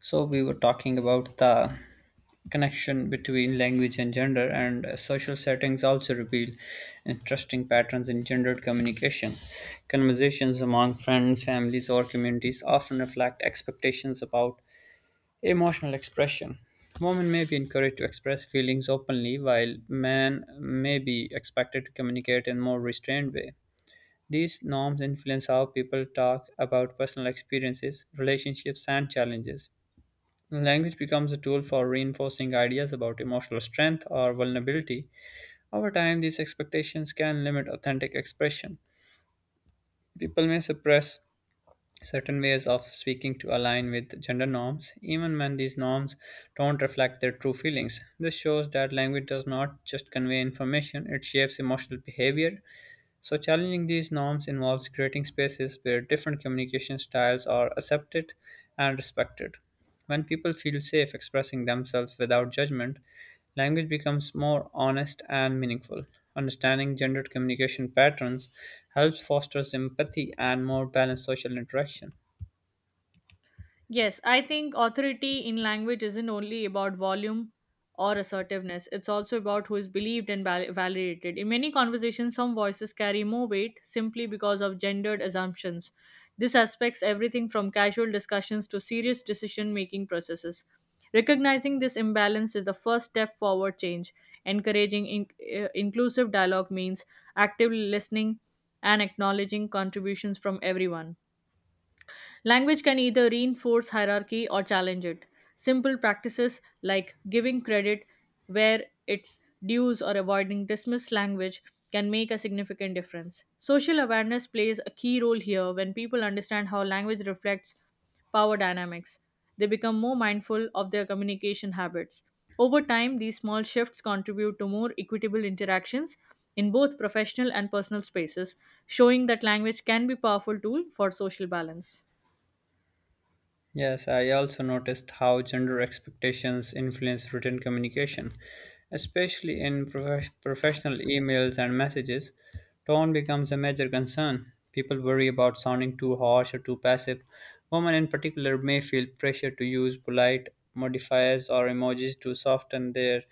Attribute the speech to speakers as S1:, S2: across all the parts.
S1: So we were talking about the connection between language and gender, and social settings also reveal interesting patterns in gendered communication. Conversations among friends, families, or communities often reflect expectations about emotional expression. Women may be encouraged to express feelings openly, while men may be expected to communicate in a more restrained way. These norms influence how people talk about personal experiences, relationships, and challenges. Language becomes a tool for reinforcing ideas about emotional strength or vulnerability. Over time, these expectations can limit authentic expression. People may suppress certain ways of speaking to align with gender norms, even when these norms don't reflect their true feelings. This shows that language does not just convey information, it shapes emotional behavior. So, challenging these norms involves creating spaces where different communication styles are accepted and respected. When people feel safe expressing themselves without judgment, language becomes more honest and meaningful. Understanding gendered communication patterns helps foster empathy and more balanced social interaction.
S2: Yes, I think authority in language isn't only about volume or assertiveness, it's also about who is believed and validated. In many conversations, some voices carry more weight simply because of gendered assumptions. This aspects everything from casual discussions to serious decision making processes. Recognizing this imbalance is the first step forward change. Encouraging inclusive dialogue means actively listening and acknowledging contributions from everyone. Language can either reinforce hierarchy or challenge it. Simple practices like giving credit where it's dues or avoiding dismissed language can make a significant difference. Social awareness plays a key role here when people understand how language reflects power dynamics. They become more mindful of their communication habits. Over time, these small shifts contribute to more equitable interactions in both professional and personal spaces, showing that language can be a powerful tool for social balance.
S1: Yes, I also noticed how gender expectations influence written communication, especially in professional emails and messages. Tone becomes a major concern. People worry about sounding too harsh or too passive. Women, in particular, may feel pressure to use polite modifiers or emojis to soften their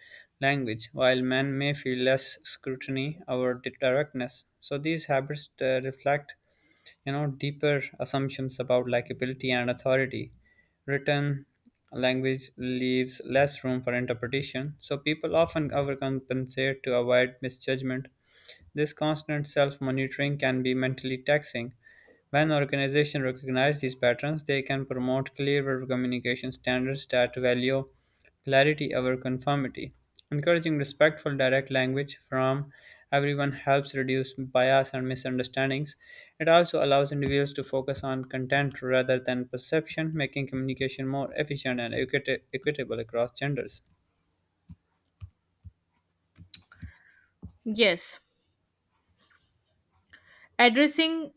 S1: language, while men may feel less scrutiny over directness. So, these habits reflect, deeper assumptions about likability and authority. Written language leaves less room for interpretation, so people often overcompensate to avoid misjudgment. This constant self-monitoring can be mentally taxing. When organizations recognize these patterns, they can promote clearer communication standards that value clarity over conformity. Encouraging respectful direct language from everyone helps reduce bias and misunderstandings. It also allows individuals to focus on content rather than perception, making communication more efficient and equitable across genders.
S2: Yes, addressing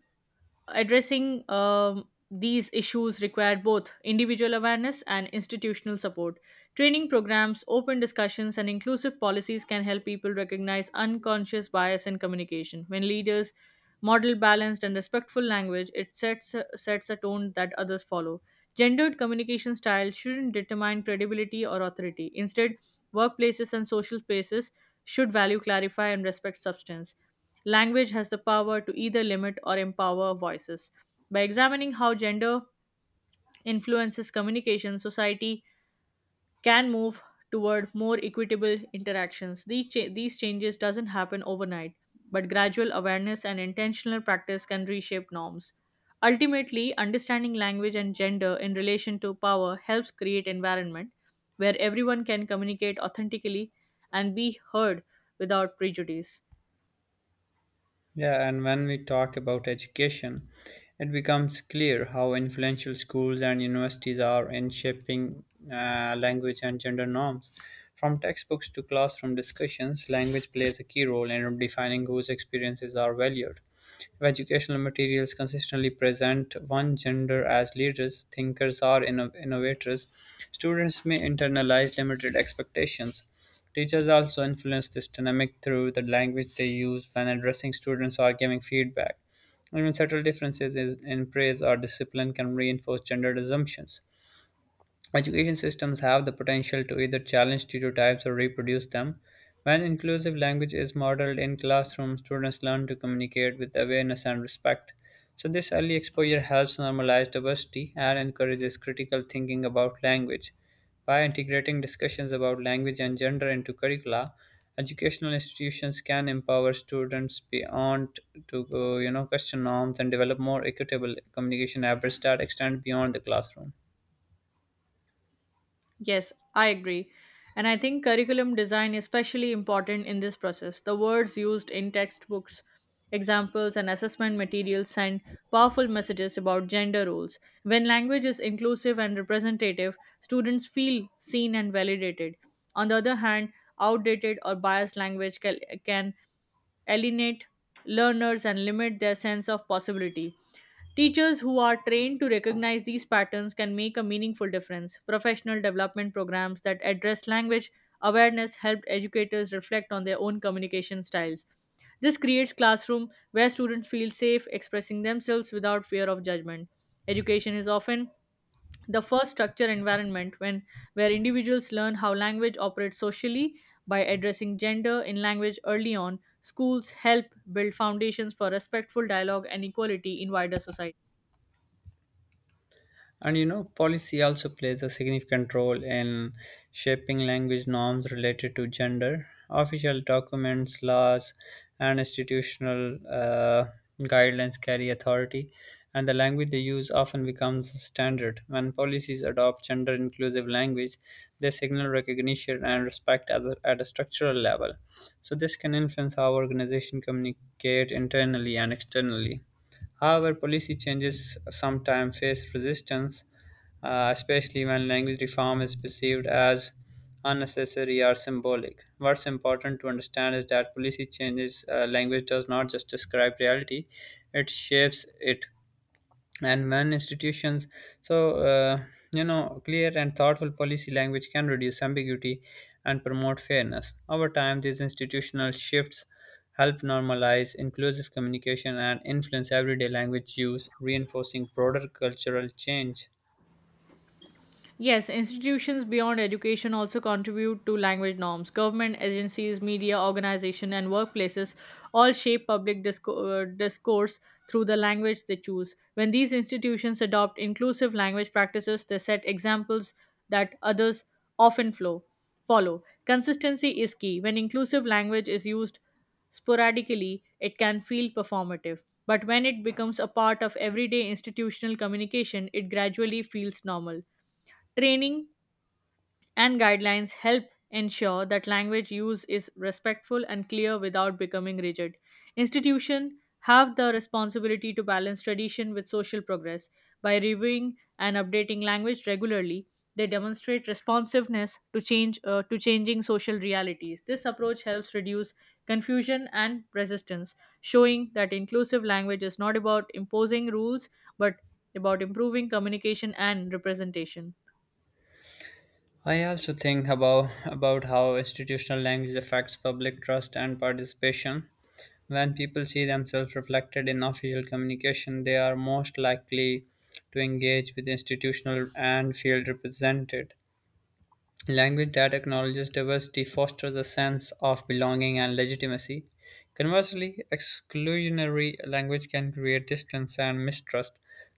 S2: addressing these issues require both individual awareness and institutional support. Training programs, open discussions, and inclusive policies can help people recognize unconscious bias in communication. When leaders model balanced and respectful language, it sets a tone that others follow. Gendered communication style shouldn't determine credibility or authority. Instead, workplaces and social spaces should value, clarify, and respect substance. Language has the power to either limit or empower voices. By examining how gender influences communication, society can move toward more equitable interactions. These changes doesn't happen overnight, but gradual awareness and intentional practice can reshape norms. Ultimately, understanding language and gender in relation to power helps create environment where everyone can communicate authentically and be heard without prejudice.
S1: Yeah, and when we talk about education, it becomes clear how influential schools and universities are in shaping language and gender norms. From textbooks to classroom discussions, language plays a key role in defining whose experiences are valued. If educational materials consistently present one gender as leaders, thinkers, or innovators, students may internalize limited expectations. Teachers also influence this dynamic through the language they use when addressing students or giving feedback. Even subtle differences in praise or discipline can reinforce gendered assumptions. Education systems have the potential to either challenge stereotypes or reproduce them. When inclusive language is modeled in classrooms, students learn to communicate with awareness and respect. So, this early exposure helps normalize diversity and encourages critical thinking about language. By integrating discussions about language and gender into curricula, educational institutions can empower students beyond to question norms and develop more equitable communication habits that extend beyond the classroom.
S2: Yes, I agree. And I think curriculum design is especially important in this process. The words used in textbooks, examples, and assessment materials send powerful messages about gender roles. When language is inclusive and representative, students feel seen and validated. On the other hand, outdated or biased language can alienate learners and limit their sense of possibility. Teachers who are trained to recognize these patterns can make a meaningful difference. Professional development programs that address language awareness help educators reflect on their own communication styles. This creates classroom where students feel safe expressing themselves without fear of judgment. Education is often the first structure environment when where individuals learn how language operates socially by addressing gender in language early on. Schools help build foundations for respectful dialogue and equality in wider society.
S1: And you know, policy also plays a significant role in shaping language norms related to gender. Official documents, laws, and institutional guidelines carry authority, and the language they use often becomes a standard. When policies adopt gender inclusive language, they signal recognition and respect at at a structural level. So, this can influence how organizations communicate internally and externally. However, policy changes sometimes face resistance, especially when language reform is perceived as unnecessary or symbolic. What's important to understand is that policy changes language does not just describe reality, it shapes it. And when institutions so uh, clear and thoughtful policy language can reduce ambiguity and promote fairness. Over time, these institutional shifts help normalize inclusive communication and influence everyday language use, reinforcing broader cultural change.
S2: Yes, institutions beyond education also contribute to language norms. Government agencies, media organizations, and workplaces all shape public discourse through the language they choose. When these institutions adopt inclusive language practices, they set examples that others often flow, follow. Consistency is key. When inclusive language is used sporadically, it can feel performative. But when it becomes a part of everyday institutional communication, it gradually feels normal. Training and guidelines help ensure that language use is respectful and clear without becoming rigid. Institutions have the responsibility to balance tradition with social progress. By reviewing and updating language regularly, they demonstrate responsiveness to change to changing social realities. This approach helps reduce confusion and resistance, showing that inclusive language is not about imposing rules but about improving communication and representation.
S1: I also think about how institutional language affects public trust and participation. When people see themselves reflected in official communication, they are most likely to engage with institutional and field represented. Language that acknowledges diversity fosters a sense of belonging and legitimacy. Conversely, exclusionary language can create distance and mistrust.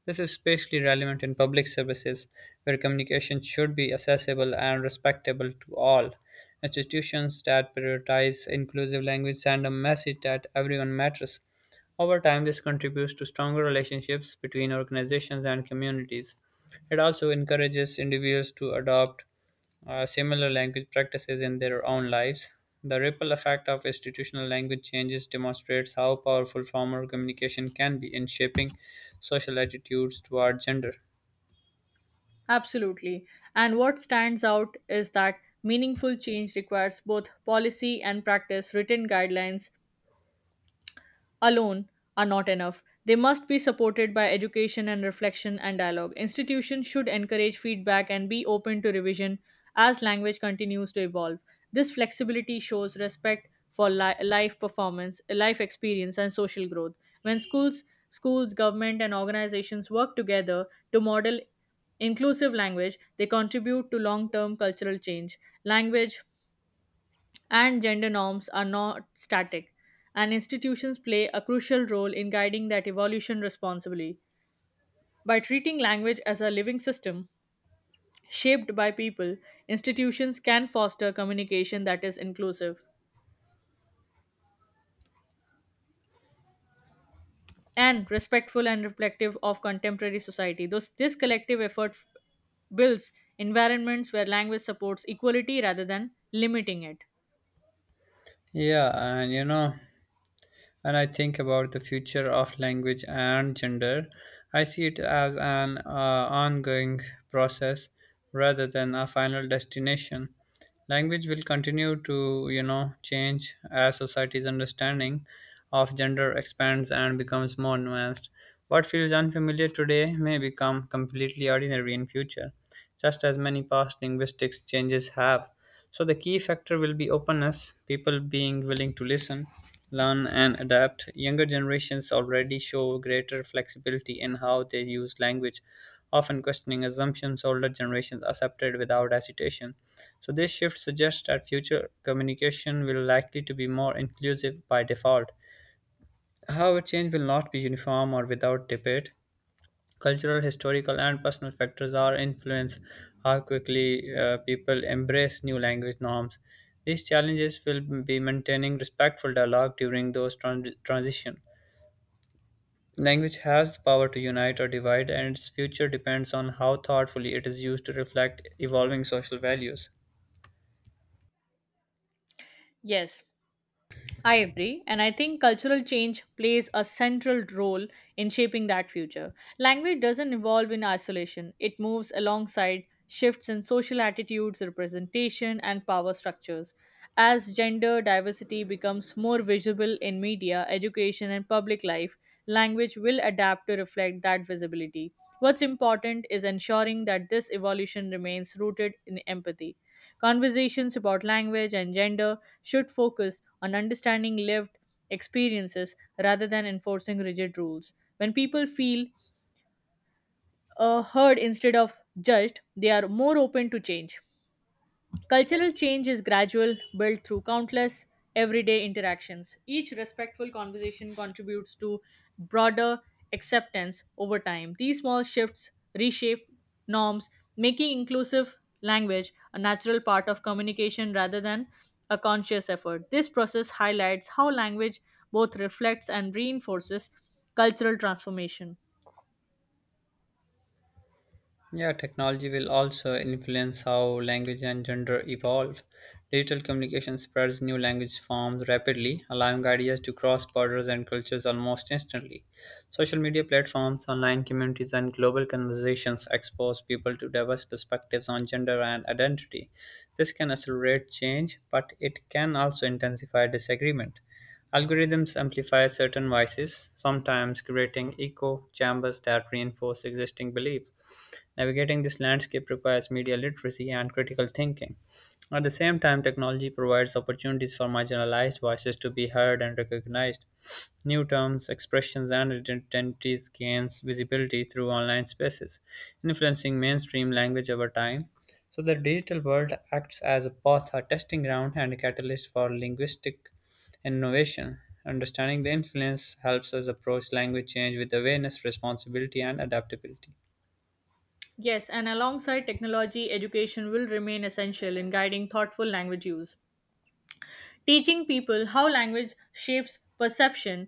S1: This is especially relevant in public services, where communication should be accessible and respectable to all. Institutions that prioritize inclusive language send a message that everyone matters. Over time, this contributes to stronger relationships between organizations and communities. It also encourages individuals to adopt similar language practices in their own lives. The ripple effect of institutional language changes demonstrates how powerful formal communication can be in shaping social attitudes toward gender.
S2: Absolutely. And what stands out is that meaningful change requires both policy and practice, written guidelines, alone are not enough. They must be supported by education and reflection and dialogue. Institutions should encourage feedback and be open to revision as language continues to evolve. This flexibility shows respect for life performance, life experience, and social growth. When schools, government, and organizations work together to model inclusive language, they contribute to long term cultural change. Language, and gender norms are not static, and institutions play a crucial role in guiding that evolution responsibly. By treating language as a living system shaped by people, institutions can foster communication that is inclusive and respectful and reflective of contemporary society. Thus, this collective builds environments where language supports equality rather than limiting it.
S1: Yeah, and you know, and I think about the future of language and gender, I see it as an ongoing process rather than a final destination. Language will continue to, change as society's understanding of gender expands and becomes more nuanced. What feels unfamiliar today may become completely ordinary in future, just as many past linguistics changes have. So the key factor will be openness, people being willing to listen, learn, and adapt. Younger generations already show greater flexibility in how they use language, often questioning assumptions older generations accepted without hesitation. So this shift suggests that future communication will likely to be more inclusive by default. However, change will not be uniform or without debate. Cultural, historical, and personal factors are influence how quickly people embrace new language norms. These challenges will be maintaining respectful dialogue during those transition. Language has the power to unite or divide, and its future depends on how thoughtfully it is used to reflect evolving social values.
S2: Yes, I agree, and I think cultural change plays a central role in shaping that future. Language doesn't evolve in isolation, it moves alongside shifts in social attitudes, representation, and power structures. As gender diversity becomes more visible in media, education, and public life, language will adapt to reflect that visibility. What's important is ensuring that this evolution remains rooted in empathy. Conversations about language and gender should focus on understanding lived experiences rather than enforcing rigid rules. When people feel heard instead of judged, they are more open to change. Cultural change is gradual, built through countless everyday interactions. Each respectful conversation contributes to broader acceptance over time. These small shifts reshape norms, making inclusive language a natural part of communication rather than a conscious effort. This process highlights how language both reflects and reinforces cultural transformation.
S1: Yeah, technology will also influence how language and gender evolve. Digital communication spreads new language forms rapidly, allowing ideas to cross borders and cultures almost instantly. Social media platforms, online communities, and global conversations expose people to diverse perspectives on gender and identity. This can accelerate change, but it can also intensify disagreement. Algorithms amplify certain voices, sometimes creating echo chambers that reinforce existing beliefs. Navigating this landscape requires media literacy and critical thinking. At the same time, technology provides opportunities for marginalized voices to be heard and recognized. New terms, expressions, and identities gains visibility through online spaces, influencing mainstream language over time. So the digital world acts as both a testing ground and a catalyst for linguistic innovation. Understanding the influence helps us approach language change with awareness, responsibility, and adaptability.
S2: Yes, and alongside technology, education will remain essential in guiding thoughtful language use. Teaching people how language shapes perception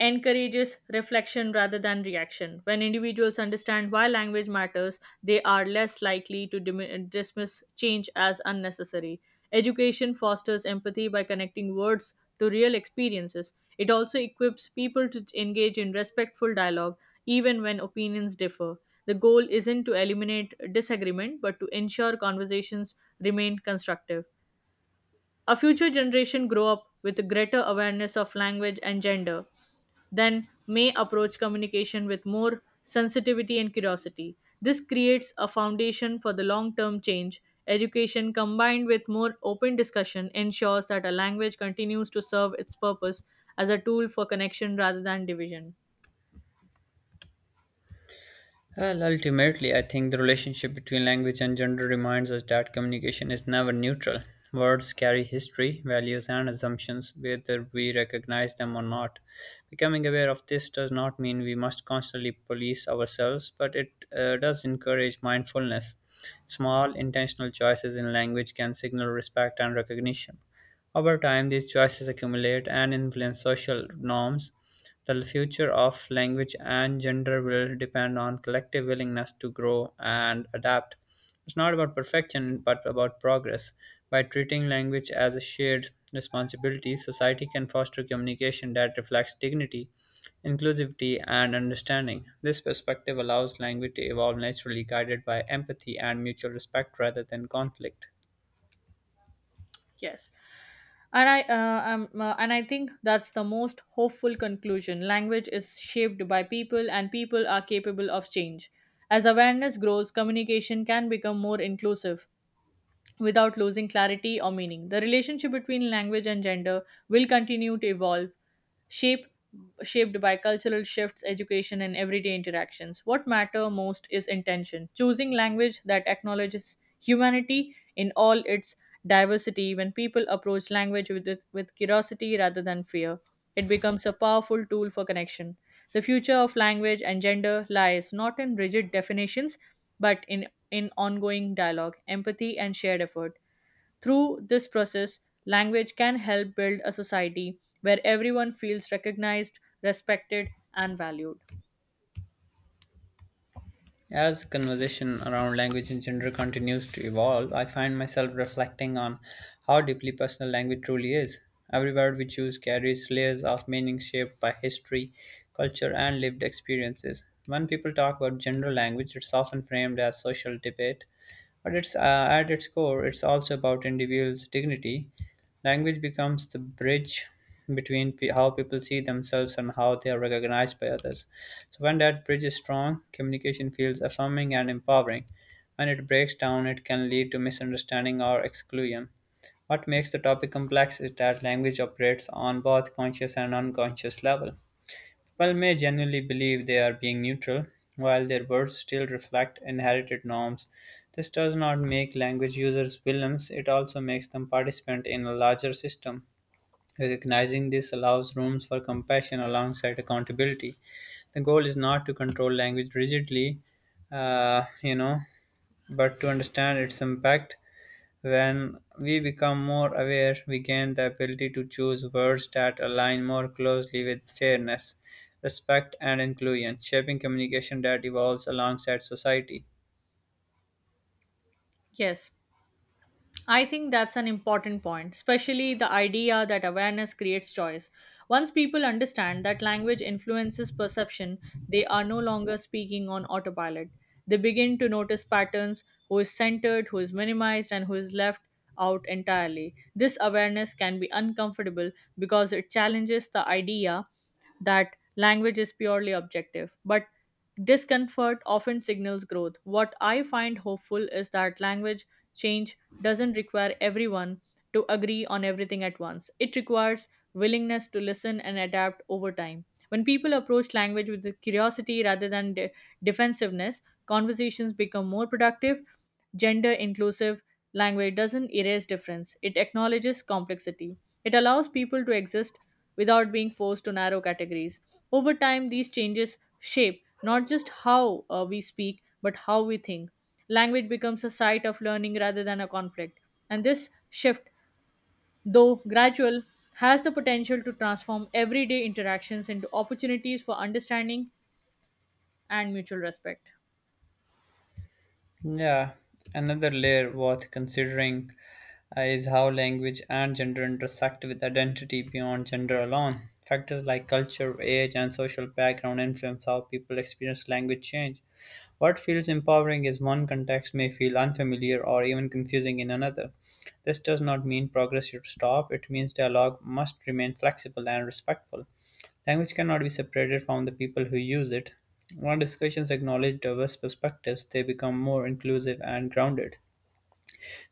S2: encourages reflection rather than reaction. When individuals understand why language matters, they are less likely to dismiss change as unnecessary. Education fosters empathy by connecting words to real experiences. It also equips people to engage in respectful dialogue even when opinions differ. The goal isn't to eliminate disagreement but to ensure conversations remain constructive. A future generation grow up with a greater awareness of language and gender, then may approach communication with more sensitivity and curiosity. This creates a foundation for the long term change. Education combined with more open discussion ensures that a language continues to serve its purpose as a tool for connection rather than division.
S1: Well, ultimately, I think the relationship between language and gender reminds us that communication is never neutral. Words carry history, values, and assumptions, whether we recognize them or not. Becoming aware of this does not mean we must constantly police ourselves, but it does encourage mindfulness. Small, intentional choices in language can signal respect and recognition. Over time, these choices accumulate and influence social norms. The future of language and gender will depend on collective willingness to grow and adapt. It's not about perfection, but about progress. By treating language as a shared responsibility, society can foster communication that reflects dignity, inclusivity, and understanding. This perspective allows language to evolve naturally, guided by empathy and mutual respect rather than conflict.
S2: Yes. And I think that's the most hopeful conclusion. Language is shaped by people, and people are capable of change. As awareness grows, communication can become more inclusive without losing clarity or meaning. The relationship between language and gender will continue to evolve, shaped shaped by cultural shifts, education, and everyday interactions. What matter most is intention, choosing language that acknowledges humanity in all its diversity. When people approach language with curiosity rather than fear, it becomes a powerful tool for connection. The future of language and gender lies not in rigid definitions, but in ongoing dialogue, empathy, and shared effort. Through this process, language can help build a society where everyone feels recognized, respected, and valued.
S1: As conversation around language and gender continues to evolve, I find myself reflecting on how deeply personal language truly is. Every word we choose carries layers of meaning shaped by history, culture, and lived experiences. When people talk about gender language, it's often framed as social debate, but at its core, it's also about individuals' dignity. Language becomes the bridge between how people see themselves and how they are recognized by others. So, when that bridge is strong, communication feels affirming and empowering. When it breaks down, it can lead to misunderstanding or exclusion. What makes the topic complex is that language operates on both conscious and unconscious level. While may generally believe they are being neutral, while their words still reflect inherited norms, this does not make language users villains, it also makes them participants in a larger system. Recognizing this allows rooms for compassion alongside accountability. The goal is not to control language rigidly, uh, you know, but to understand its impact. When we become more aware, we gain the ability to choose words that align more closely with fairness, respect, and inclusion, shaping communication that evolves alongside society.
S2: Yes, I think that's an important point, especially the idea that awareness creates choice. Once people understand that language influences perception, they are no longer speaking on autopilot. They begin to notice patterns who is centered, who is minimized, and who is left out entirely. This awareness can be uncomfortable because it challenges the idea that language is purely objective, but discomfort often signals growth. What I find hopeful is that language change doesn't require everyone to agree on everything at once. It requires willingness to listen and adapt over time. When people approach language with the curiosity rather than defensiveness, conversations become more productive, gender inclusive. Language doesn't erase difference, it acknowledges complexity. It allows people to exist without being forced to narrow categories. Over time, these changes shape not just how we speak, but how we think. Language becomes a site of learning rather than a conflict. And this shift, though gradual, has the potential to transform everyday interactions into opportunities for understanding and mutual respect.
S1: Yeah, another layer worth considering is how language and gender intersect with identity beyond gender alone. Factors like culture, age, and social background influence how people experience language change. What feels empowering is one context may feel unfamiliar or even confusing in another. This does not mean progress should stop, it means dialogue must remain flexible and respectful. Language cannot be separated from the people who use it. When discussions acknowledge diverse perspectives, they become more inclusive and grounded.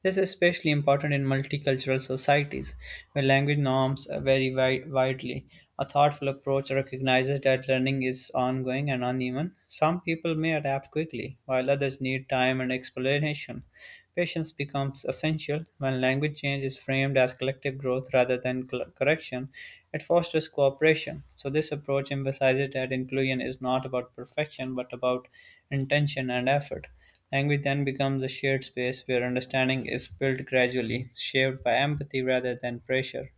S1: This is especially important in multicultural societies, where language norms vary widely. A thoughtful approach recognizes that learning is ongoing and uneven. Some people may adapt quickly, while others need time and explanation. Patience becomes essential when language change is framed as collective growth rather than correction. It fosters cooperation. So, this approach emphasizes that inclusion is not about perfection but about intention and effort. Language then becomes a shared space where understanding is built gradually, shaped by empathy rather than pressure.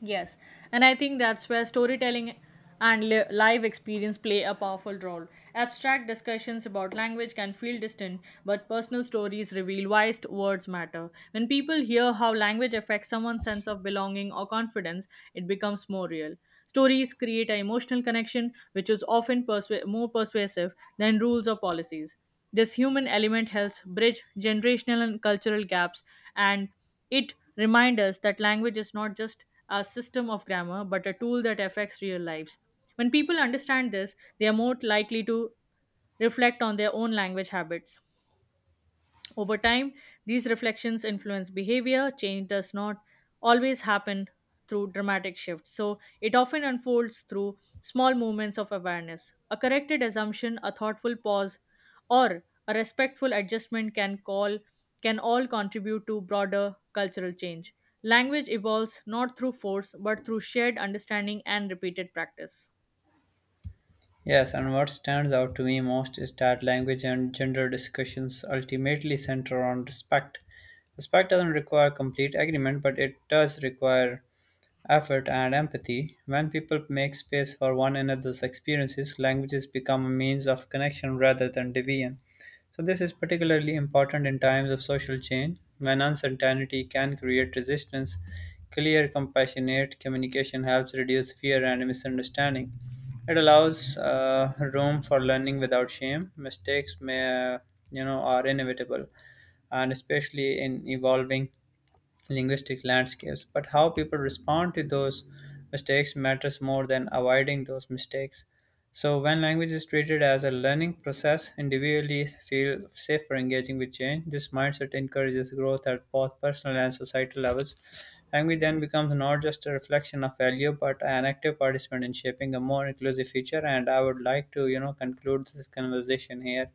S2: Yes, and I think that's where storytelling and live experience play a powerful role. Abstract discussions about language can feel distant, but personal stories reveal why words matter. When people hear how language affects someone's sense of belonging or confidence, it becomes more real. Stories create an emotional connection, which is more persuasive than rules or policies. This human element helps bridge generational and cultural gaps, and it reminds us that language is not just a system of grammar, but a tool that affects real lives. When people understand this, they are more likely to reflect on their own language habits. Over time, these reflections influence behavior. Change does not always happen through dramatic shifts, so it often unfolds through small moments of awareness. A corrected assumption, a thoughtful pause, or a respectful adjustment can all contribute to broader cultural change. Language evolves not through force but through shared understanding and repeated practice.
S1: Yes, and what stands out to me most is that language and gender discussions ultimately center on respect. Respect doesn't require complete agreement, but it does require effort, and empathy. When people make space for one another's experiences, languages become a means of connection rather than division. So, this is particularly important in times of social change when uncertainty can create resistance. Clear, compassionate communication helps reduce fear and misunderstanding. It allows room for learning without shame. Mistakes are inevitable, and especially in evolving linguistic landscapes, but how people respond to those mistakes matters more than avoiding those mistakes. So, when language is treated as a learning process, individually feel safe for engaging with change. This mindset encourages growth at both personal and societal levels. Language then becomes not just a reflection of value, but an active participant in shaping a more inclusive future. And I would like to, conclude this conversation here.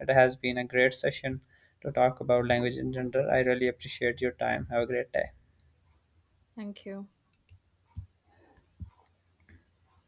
S1: It has been a great session to talk about language and gender. I really appreciate your time. Have a great day.
S2: Thank you.